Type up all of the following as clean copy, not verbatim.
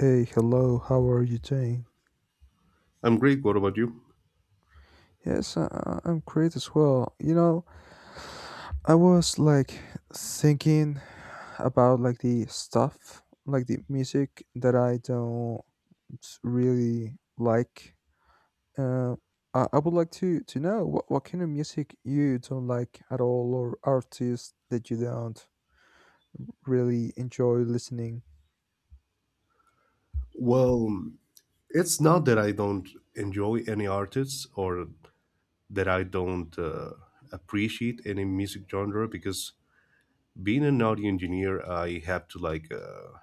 Hey, hello, how are you doing? I'm great. What about you? Yes, I'm great as well. You know, I was like thinking about like the stuff, like the music that I don't really like. Uh, I would like to know what kind of music you don't like at all, or artists that you don't really enjoy listening. Well, it's not that I don't enjoy any artists or that I don't appreciate any music genre because, being an audio engineer, I have to like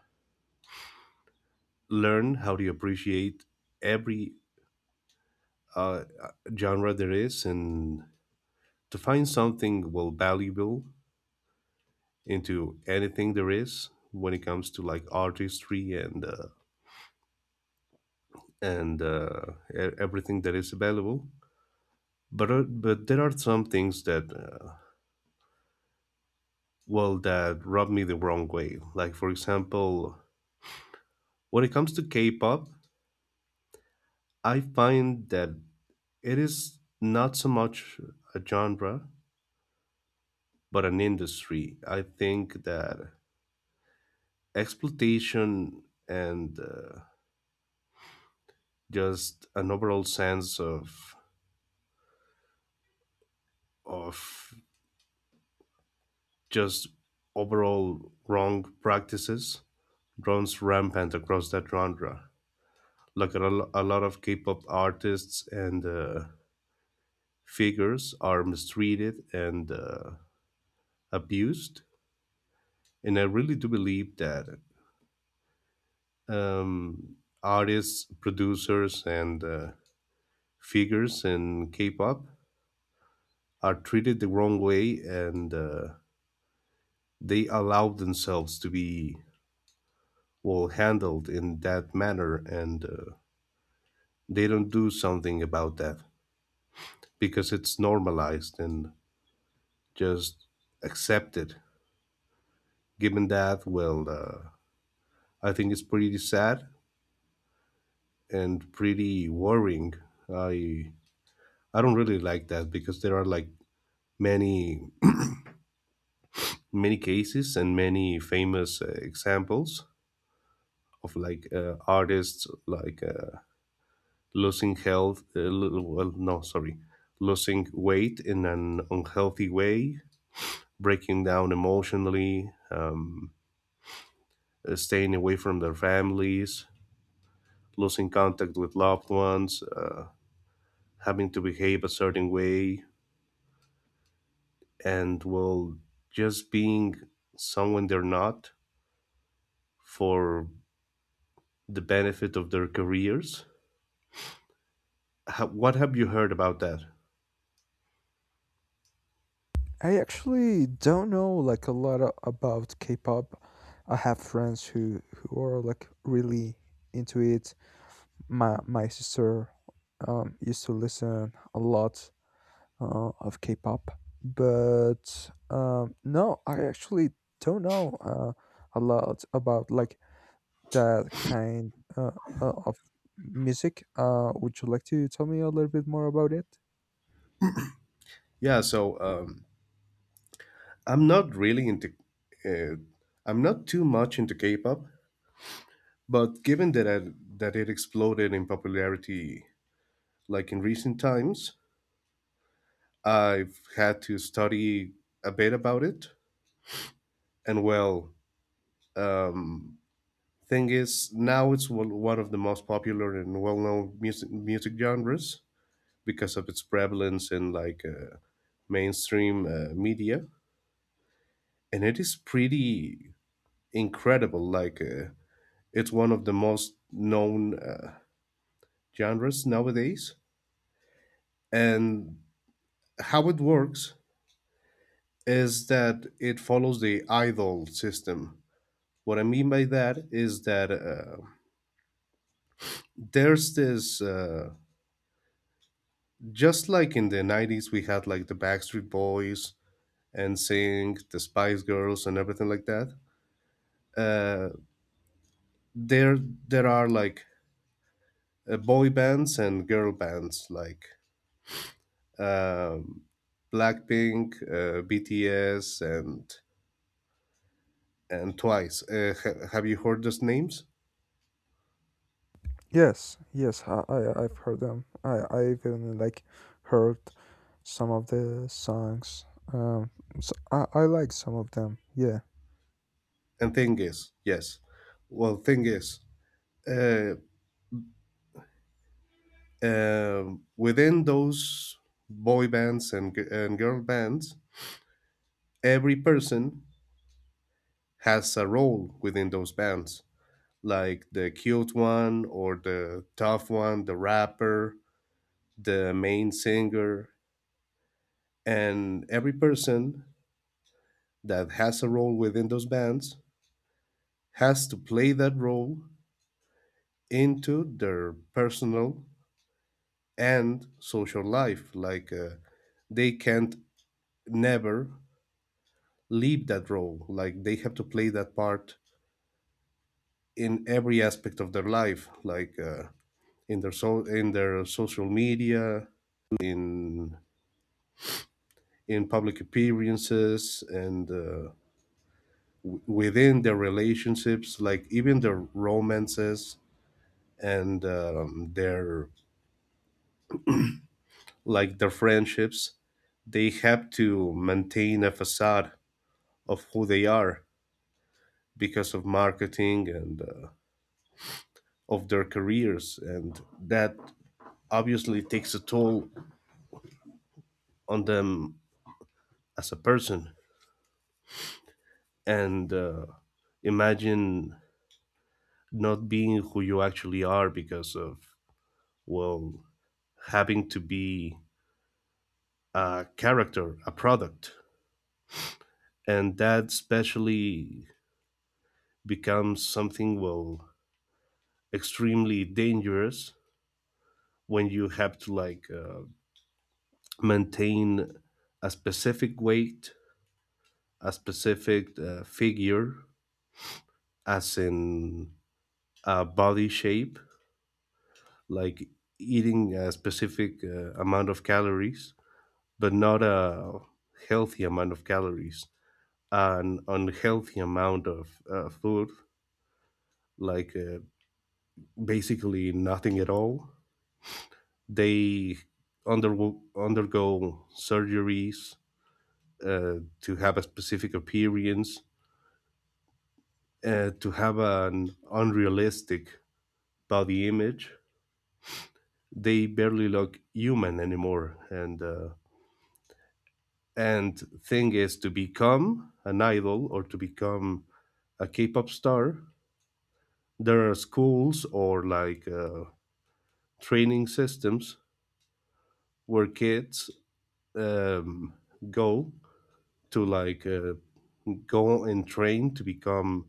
learn how to appreciate every uh, genre there is, and to find something well valuable into anything there is when it comes to like artistry and everything that is available, but there are some things that well, that rub me the wrong way, like for example when it comes to K-pop. I find that it is not so much a genre but an industry. I think that exploitation and just an overall sense of just overall wrong practices runs rampant across that genre. Like a lot of K-pop artists and figures are mistreated and abused. And I really do believe that um, artists, producers, and figures in K-pop are treated the wrong way, and they allow themselves to be well handled in that manner, and they don't do something about that because it's normalized and just accepted, given that, well, I think it's pretty sad and pretty worrying. I I don't really like that because there are like many many cases and many famous examples of like artists like losing health. Well, no, sorry, losing weight in an unhealthy way, breaking down emotionally, staying away from their families, losing contact with loved ones. Having to behave a certain way and, well, just being someone they're not, for the benefit of their careers. Ha, what have you heard about that? I actually don't know like a lot about K-pop. I have friends who are like really into it. My sister used to listen a lot of K-pop, but no, I actually don't know a lot about like that kind uh, of music. Would you like to tell me a little bit more about it? Yeah, so um, i'm not really into uh, I'm not too much into K-pop. But given that that it exploded in popularity like in recent times, I've had to study a bit about it. And, well, um, thing is, now it's one of the most popular and well-known music genres because of its prevalence in like mainstream media. And it is pretty incredible. Like it's one of the most known genres nowadays. And how it works is that it follows the idol system. What I mean by that is that there's this just like in the 90s, we had like the Backstreet Boys and NSYNC, the Spice Girls, and everything like that. Uh, there, there are like boy bands and girl bands like um, Blackpink, BTS, and Twice. Have you heard those names? Yes, yes, I, I've heard them. I even like heard some of the songs. Um, so I like some of them. Yeah. And thing is, yes. Well, thing is, uh, within those boy bands and girl bands, every person has a role within those bands, like the cute one or the tough one, the rapper, the main singer. And every person that has a role within those bands has to play that role into their personal and social life. Like they can't never leave that role. Like, they have to play that part in every aspect of their life. Like, in their so in their social media, in in public appearances, and within their relationships, like even their romances and their like their friendships. They have to maintain a facade of who they are because of marketing and of their careers, and that obviously takes a toll on them as a person. And imagine not being who you actually are because of, well, having to be a character, a product. And that especially becomes something, well, extremely dangerous when you have to like maintain a specific weight, a specific figure, as in a body shape, like eating a specific amount of calories, but not a healthy amount of calories, an unhealthy amount of food, like basically nothing at all. They undergo surgeries uh, to have a specific appearance, to have an unrealistic body image. They barely look human anymore. And thing is, to become an idol, or to become a K-pop star, there are schools, or like training systems, where kids um, go to like go and train to become,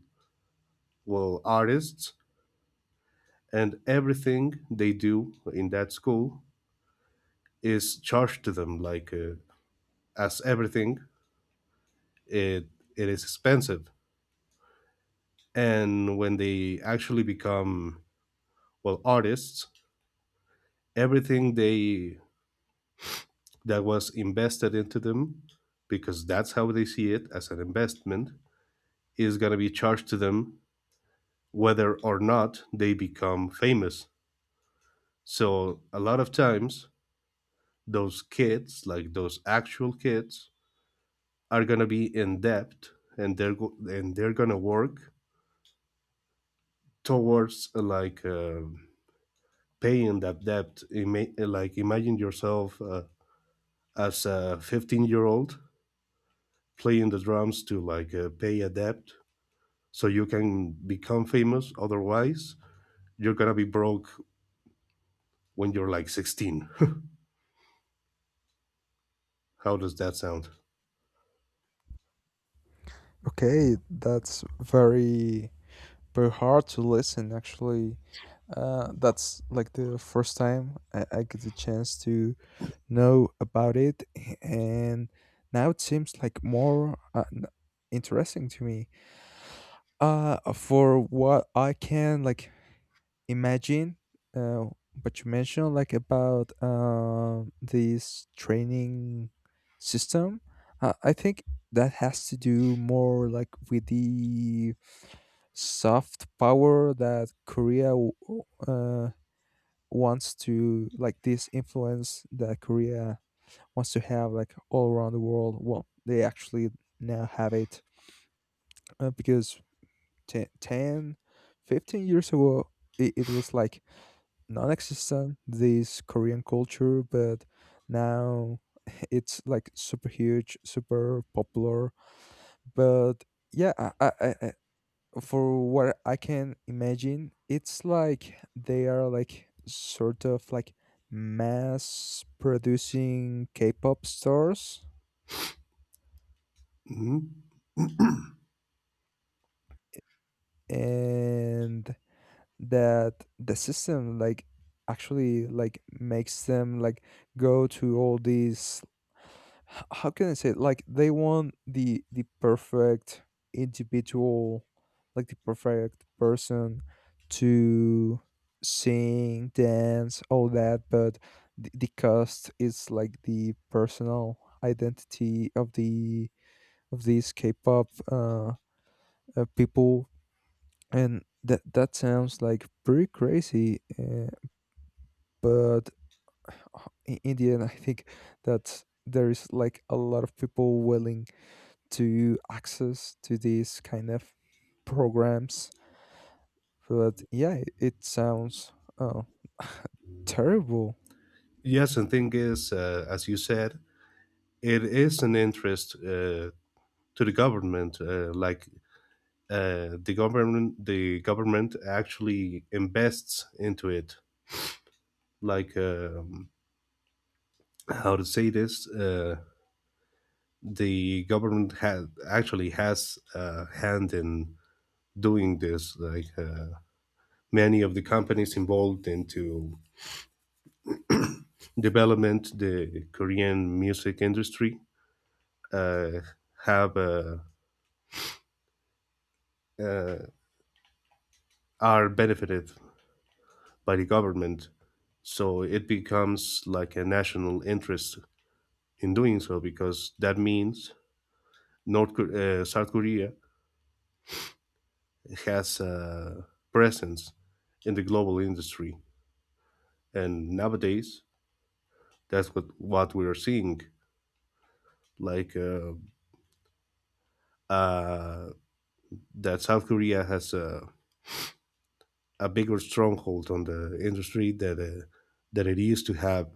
well, artists. And everything they do in that school is charged to them, like as everything, it it is expensive. And when they actually become, well, artists, everything they that was invested into them, because that's how they see it, as an investment, is going to be charged to them, whether or not they become famous. So a lot of times those kids, like those actual kids, are going to be in debt, and they're going to work towards like paying that debt. Like, imagine yourself as a 15-year-old playing the drums to like pay a debt so you can become famous, otherwise you're gonna be broke when you're like 16 how does that sound? Okay, that's very very hard to listen. Actually, that's like the first time I get the chance to know about it, and now it seems like more interesting to me. For what I can like imagine uh, what you mentioned like about this training system, I think that has to do more like with the soft power that Korea wants to, like, this influence that Korea wants to have like all around the world. Well, they actually now have it, because 10, 10, 15 years ago it, it was like non-existent, this Korean culture. But now it's like super huge, super popular. But yeah, for what I can imagine, it's like they are like sort of like mass producing K-pop stars, Mhm. and that the system like actually like makes them like go to all these, h- how can I say it? Like they want the perfect individual, like the perfect person to sing, dance, all that, but the cost is like the personal identity of the of these K-pop people, and that that sounds like pretty crazy, but in the end I think that there is like a lot of people willing to access to these kind of programs. But yeah, it sounds, oh, terrible. Yes, and thing is, as you said, it is an interest, to the government. The government actually invests into it, like how to say this, the government has actually has a hand in doing this, like many of the companies involved into development the Korean music industry, uh, have uh, are benefited by the government. So it becomes like a national interest in doing so, because that means South Korea has a presence in the global industry, and nowadays that's what we are seeing. Like uh, that South Korea has a bigger stronghold on the industry that that it used to have,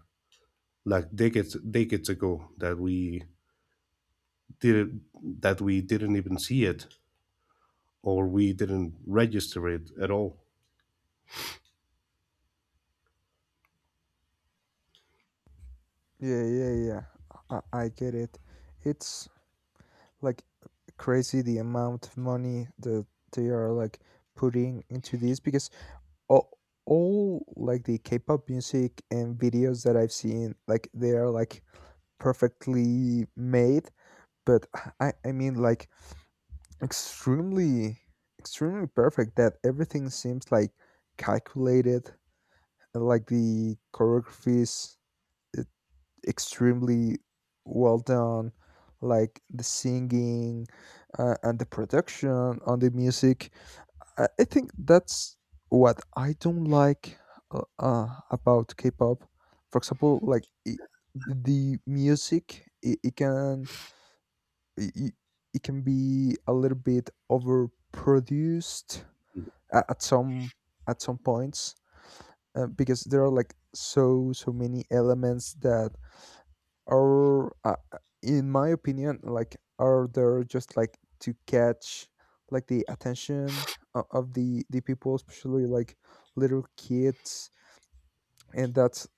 like decades decades ago, didn't that we didn't even see it, or we didn't register it at all. Yeah, yeah, yeah. I, I get it. It's like crazy the amount of money that they are like putting into this, because all, all like the K-pop music and videos that I've seen, like they are like perfectly made. But I mean like extremely extremely perfect that everything seems like calculated, and like the choreographies, it, extremely well done, like the singing and the production on the music. I think that's what I don't like, about K-pop. For example, like, I, the music, it can, it, it can be a little bit overproduced at some, at some points, because there are like so so many elements that, or in my opinion, like are there just like to catch like the attention of the people, especially like little kids. And that's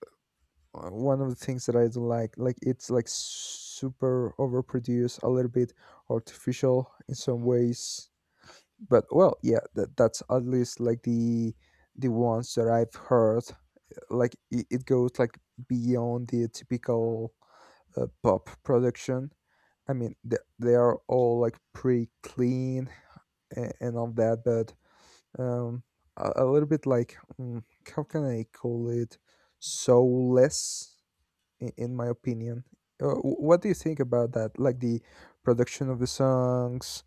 one of the things that I don't like it's like super overproduced, a little bit artificial in some ways. But well, yeah, that, that's at least like the ones that I've heard. Like it goes like beyond the typical pop production. I mean, they are all like pretty clean and all that, but um, a little bit like, mm, how can I call it, soulless, in my opinion. Wh- what do you think about that? Like the production of the songs,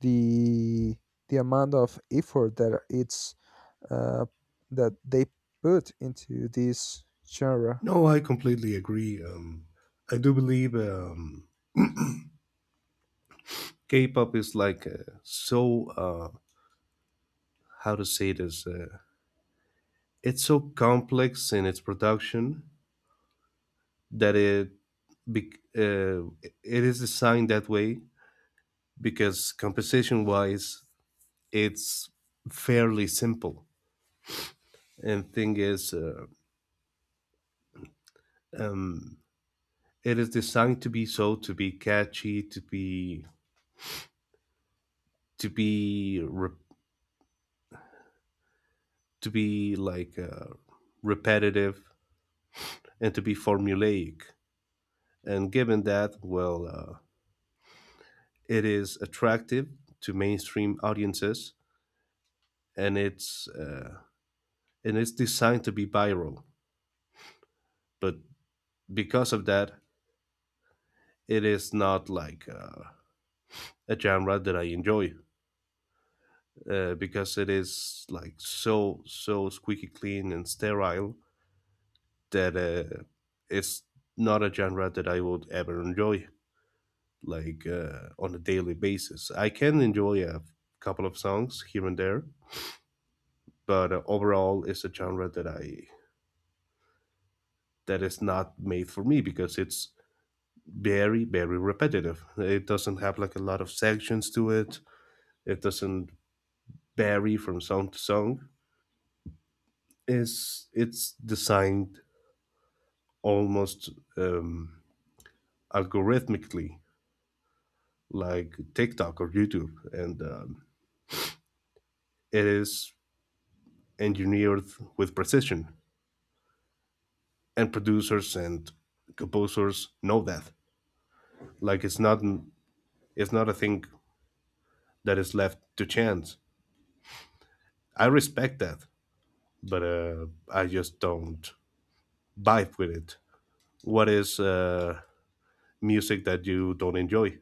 the the amount of effort that it's, uh, that they put into this genre. No, I completely agree. I do believe, K-pop is like, so, how to say this. It's so complex in its production that bec- uh, it is designed that way, because composition wise, it's fairly simple. And thing is, um, it is designed to be, so to be catchy, to be re- to be like repetitive, and to be formulaic. And given that, well, it is attractive to mainstream audiences, and it's uh, and it's designed to be viral. But because of that, it is not like a genre that I enjoy. Because it is like so so squeaky clean and sterile, that it's not a genre that I would ever enjoy, like on a daily basis. I can enjoy a couple of songs here and there, but overall, it's a genre that is not made for me because it's very very repetitive. It doesn't have like a lot of sections to it. It doesn't vary from song to song. It's designed almost, um, algorithmically, like TikTok or YouTube, and it is engineered with precision. And producers and composers know that. Like, it's not a thing that is left to chance. I respect that, but I just don't vibe with it. What is music that you don't enjoy?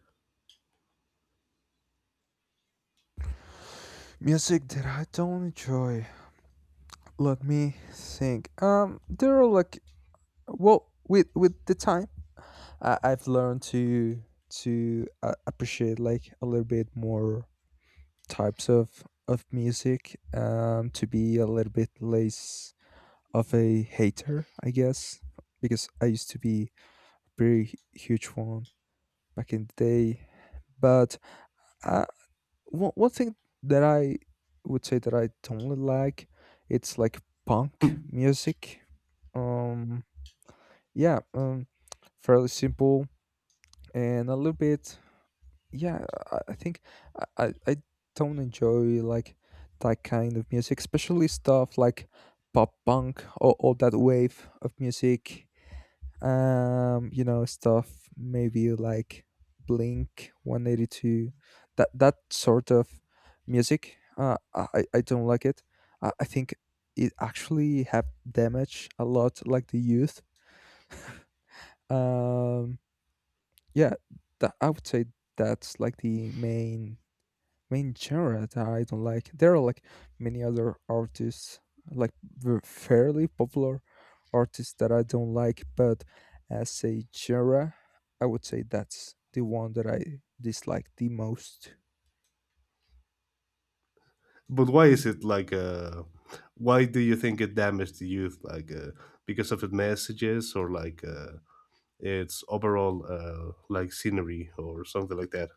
Music that I don't enjoy. Let me think. There are like, well, with the time I've learned to appreciate like a little bit more types of music, um, to be a little bit less of a hater, I guess, because I used to be very huge one back in the day. But uh, one, one thing that I would say that I don't really like, it's like punk music. Um, yeah. Um, fairly simple and a little bit, yeah. I think I don't enjoy like that kind of music, especially stuff like pop punk, or that wave of music. Um, you know, stuff maybe like Blink 182, that that sort of music. I don't like it. I think it actually have damaged a lot like the youth. Um, yeah, that I would say that's like the main main genre that I don't like. There are like many other artists, like fairly popular artists that I don't like, but as a genre, I would say that's the one that I dislike the most. But why is it like Why do you think it damaged the youth? Like, because of the messages, or like its overall like scenery or something like that?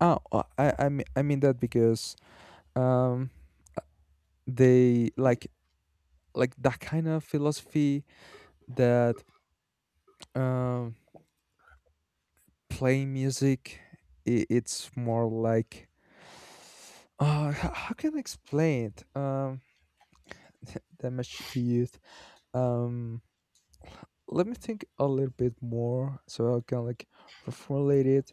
Oh, I mean, I mean that because, um, they like that kind of philosophy that, um, playing music, I, it's more like, how can I explain it, um? that much to youth. Um, let me think a little bit more so I can like reformulate it,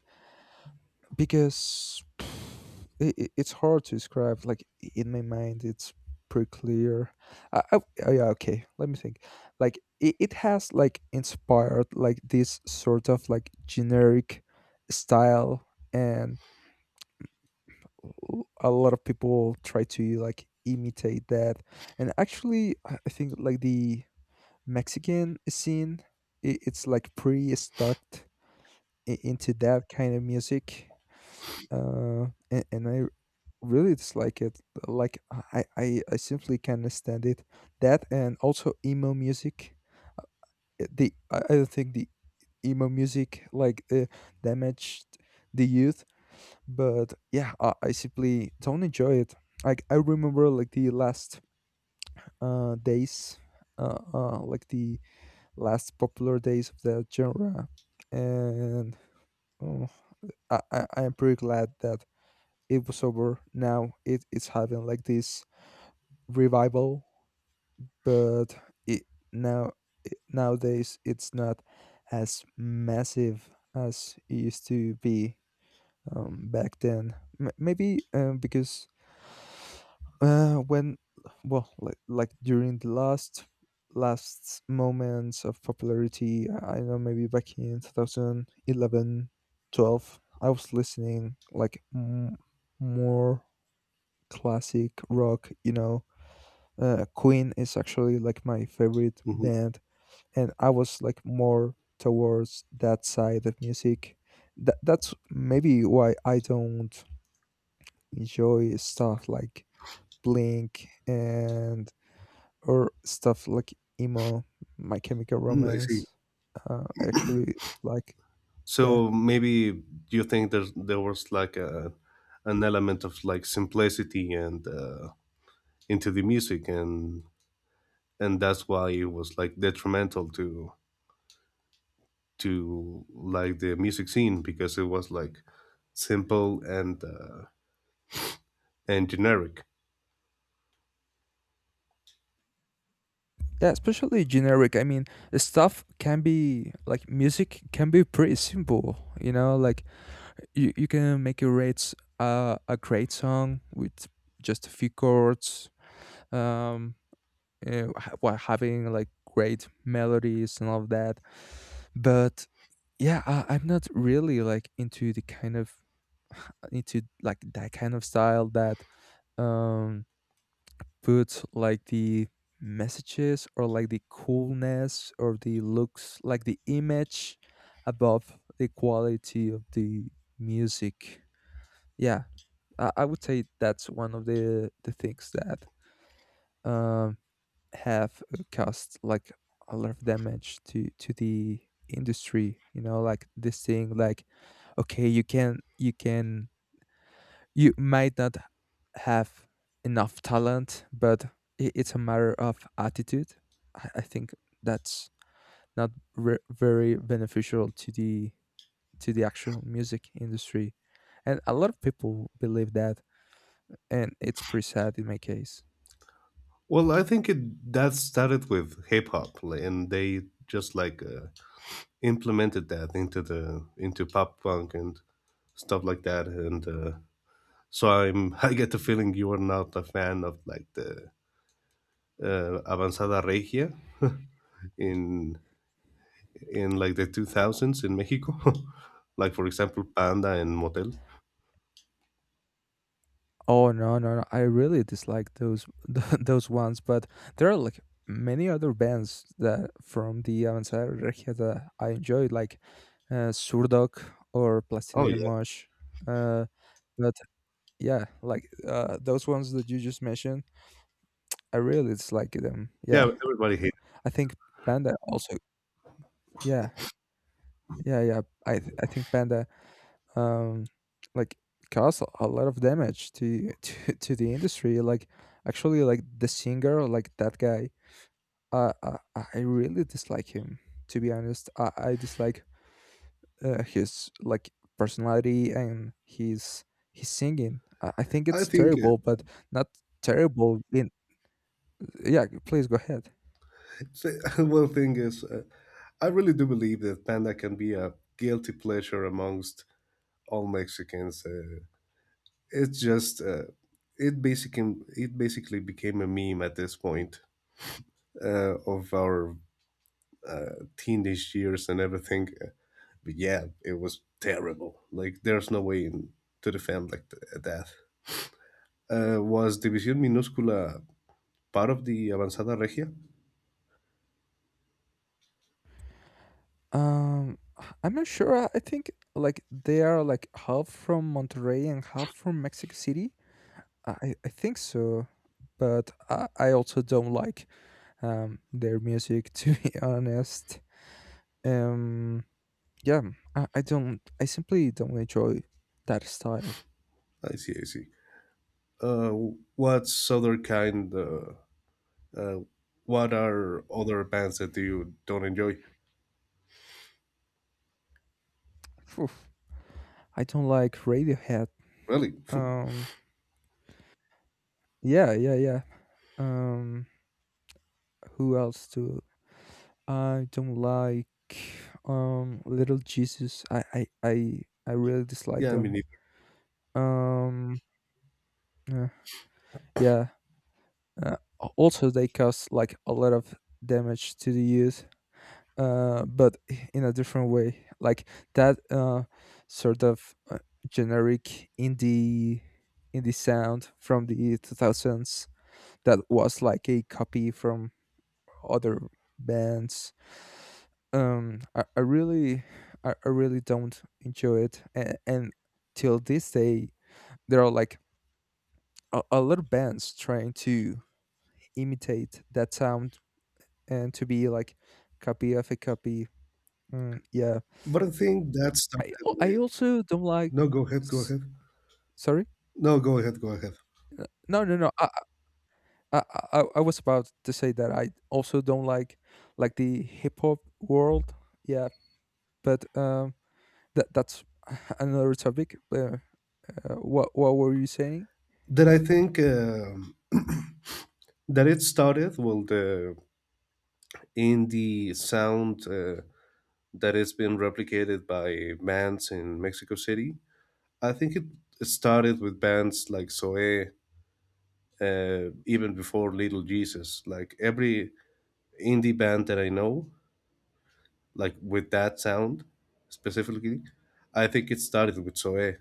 because it, it's hard to describe. Like in my mind it's pretty clear. I, oh, yeah, okay, let me think. Like it has like inspired like this sort of like generic style, and a lot of people try to like imitate that. And actually I think like the Mexican scene, it's like pretty stuck into that kind of music, uh and I really dislike it. Like I simply can't stand it. That, and also emo music. The I don't think the emo music like damaged the youth, but yeah, I simply don't enjoy it. Like I remember like the last days, like the last popular days of that genre, and, oh, I, I'm pretty glad that it was over. Now it, it's having like this revival, but it, now, it, nowadays it's not as massive as it used to be, back then. M- maybe, because, uh, when, well, like during the last last moments of popularity, I know maybe back in 2011, 12, I was listening like more classic rock, you know. Queen is actually like my favorite Mhm. band, and I was like more towards that side of music. That that's maybe why I don't enjoy stuff like Blink, and or stuff like emo, My Chemical Mm, I see. Romance. Actually, like, yeah, So maybe you think there was like a an element of like simplicity and into the music, and that's why it was like detrimental to like the music scene, because it was like simple and generic. yeah, especially generic. I mean, the stuff can be like, music can be pretty simple. You know, like you can make a rates a great song with just a few chords. Um, while having like great melodies and all of that. But yeah, I, I'm not really like into the kind of into like that kind of style that, um, puts like the messages or like the coolness or the looks, like the image above the quality of the music. Yeah, I would say that's one of the things that, um, have caused like a lot of damage to the industry. You know, like this thing like, okay, you can, you can, you might not have enough talent, but it's a matter of attitude. I think that's not very beneficial to the, to the actual music industry. And a lot of people believe that, and it's pretty sad in my case. Well, I think it that started with hip hop, and they just like implemented that into pop punk and stuff like that. And so I'm I get the feeling you are not a fan of like the Avanzada Regia in like the 2000s in Mexico, like for example Panda and Motel. Oh no, no, no! I really dislike those those ones, but there are like many other bands that from the Avanzada Regia that I enjoyed, like Surdoc or Oh Plastilina yeah, Mosh. Uh, but yeah, like those ones that you just mentioned, I really dislike them. yeah, Yeah, everybody hated. I think Panda also. Yeah, yeah, yeah. I think Panda, um, like, cause a lot of damage to to the industry. Like actually like the singer, like that guy, I really dislike him. To be honest, I dislike his like personality, and his singing, I think I it's think terrible. But not terrible in, yeah, please go ahead. One thing is, I really do believe that Panda can be a guilty pleasure amongst all Mexicans. It's just, it basically became a meme at this point of our teenage years and everything. But yeah, it was terrible. Like, there's no way to defend like that. Was División Minúscula part of the Avanzada Regia? I'm not sure. I think like they are like half from Monterrey and half from Mexico City. I think so, but I also don't like their music to be honest. Um, yeah, I don't. I simply don't enjoy that style. I see, I see. Uh, what's other kind? Uh, what are other bands that you don't enjoy? Oof. I don't like Radiohead. Really? Um, yeah, yeah, yeah. Um, who else do I don't like? Little Jesus. I really dislike Yeah, I them. mean, Um, uh, yeah, Uh, also, they cause like a lot of damage to the youth, but in a different way. Like that, sort of, generic indie indie sound from the 2000s that was like a copy from other bands. Um, I, I really, I really don't enjoy it. And till this day, there are like a lot of bands trying to imitate that sound and to be like copy of a copy. Mm, yeah, but I think that started I with. also don't like. No. Go ahead. Go s- ahead. Sorry, No. Go ahead. Go ahead. No, no, no. I I was about to say that I also don't like the hip hop world. Yeah, but that that's another topic. What what were you saying? That I think, that it started, well, the indie sound that has been replicated by bands in Mexico City. I think it started with bands like Zoe, even before Little Jesus. Like every indie band that I know, like with that sound specifically, I think it started with Zoe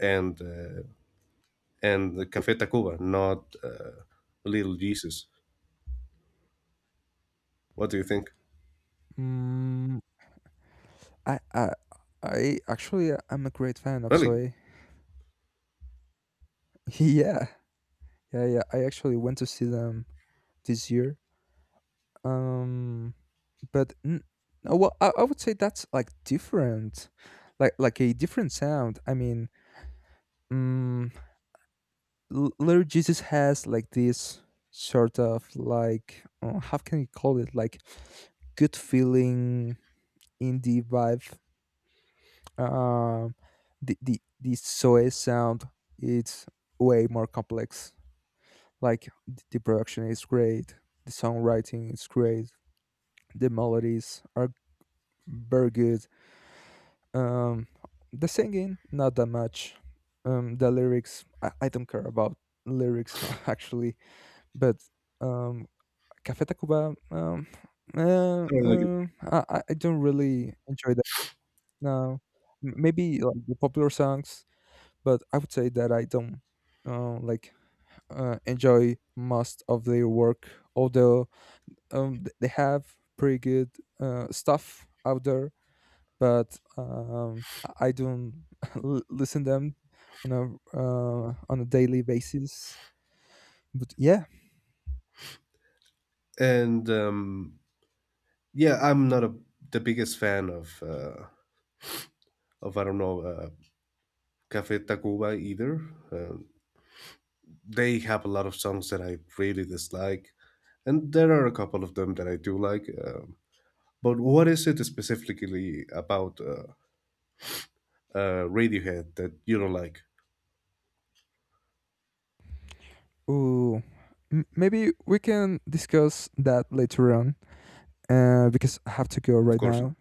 and. Uh, and the Cafe Tacuba, not Little Jesus. What do you think? Mm, I, I, I actually I'm a great fan of Really? Soy. Yeah, yeah, yeah. I actually went to see them this year. Um, but no, well, I would say that's like different, like a different sound. I mean, mm, Lord Jesus has like this sort of like, how can you call it, like good feeling indie vibe. Um, the Soy sound, it's way more complex. Like the production is great, the songwriting is great, the melodies are very good. Um, the singing, not that much. The lyrics, I don't care about lyrics actually. But um, Café Tacuba, I don't like it. I don't really enjoy that. No, maybe like the popular songs, but I would say that I don't like enjoy most of their work. Although, they have pretty good stuff out there, but I don't listen them on a, on a daily basis. But yeah, And yeah, I'm not the biggest fan of I don't know, Cafe Tacuba either. Um they have a lot of songs that I really dislike, and there are a couple of them that I do like. But what is it specifically about Radiohead that you don't like? ooh, maybe we can discuss that later on, because I have to go Of right course. now.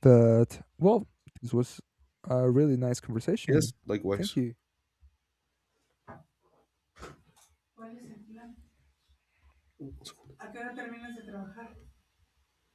But well, this was a really nice Yes, conversation. Thank likewise. you.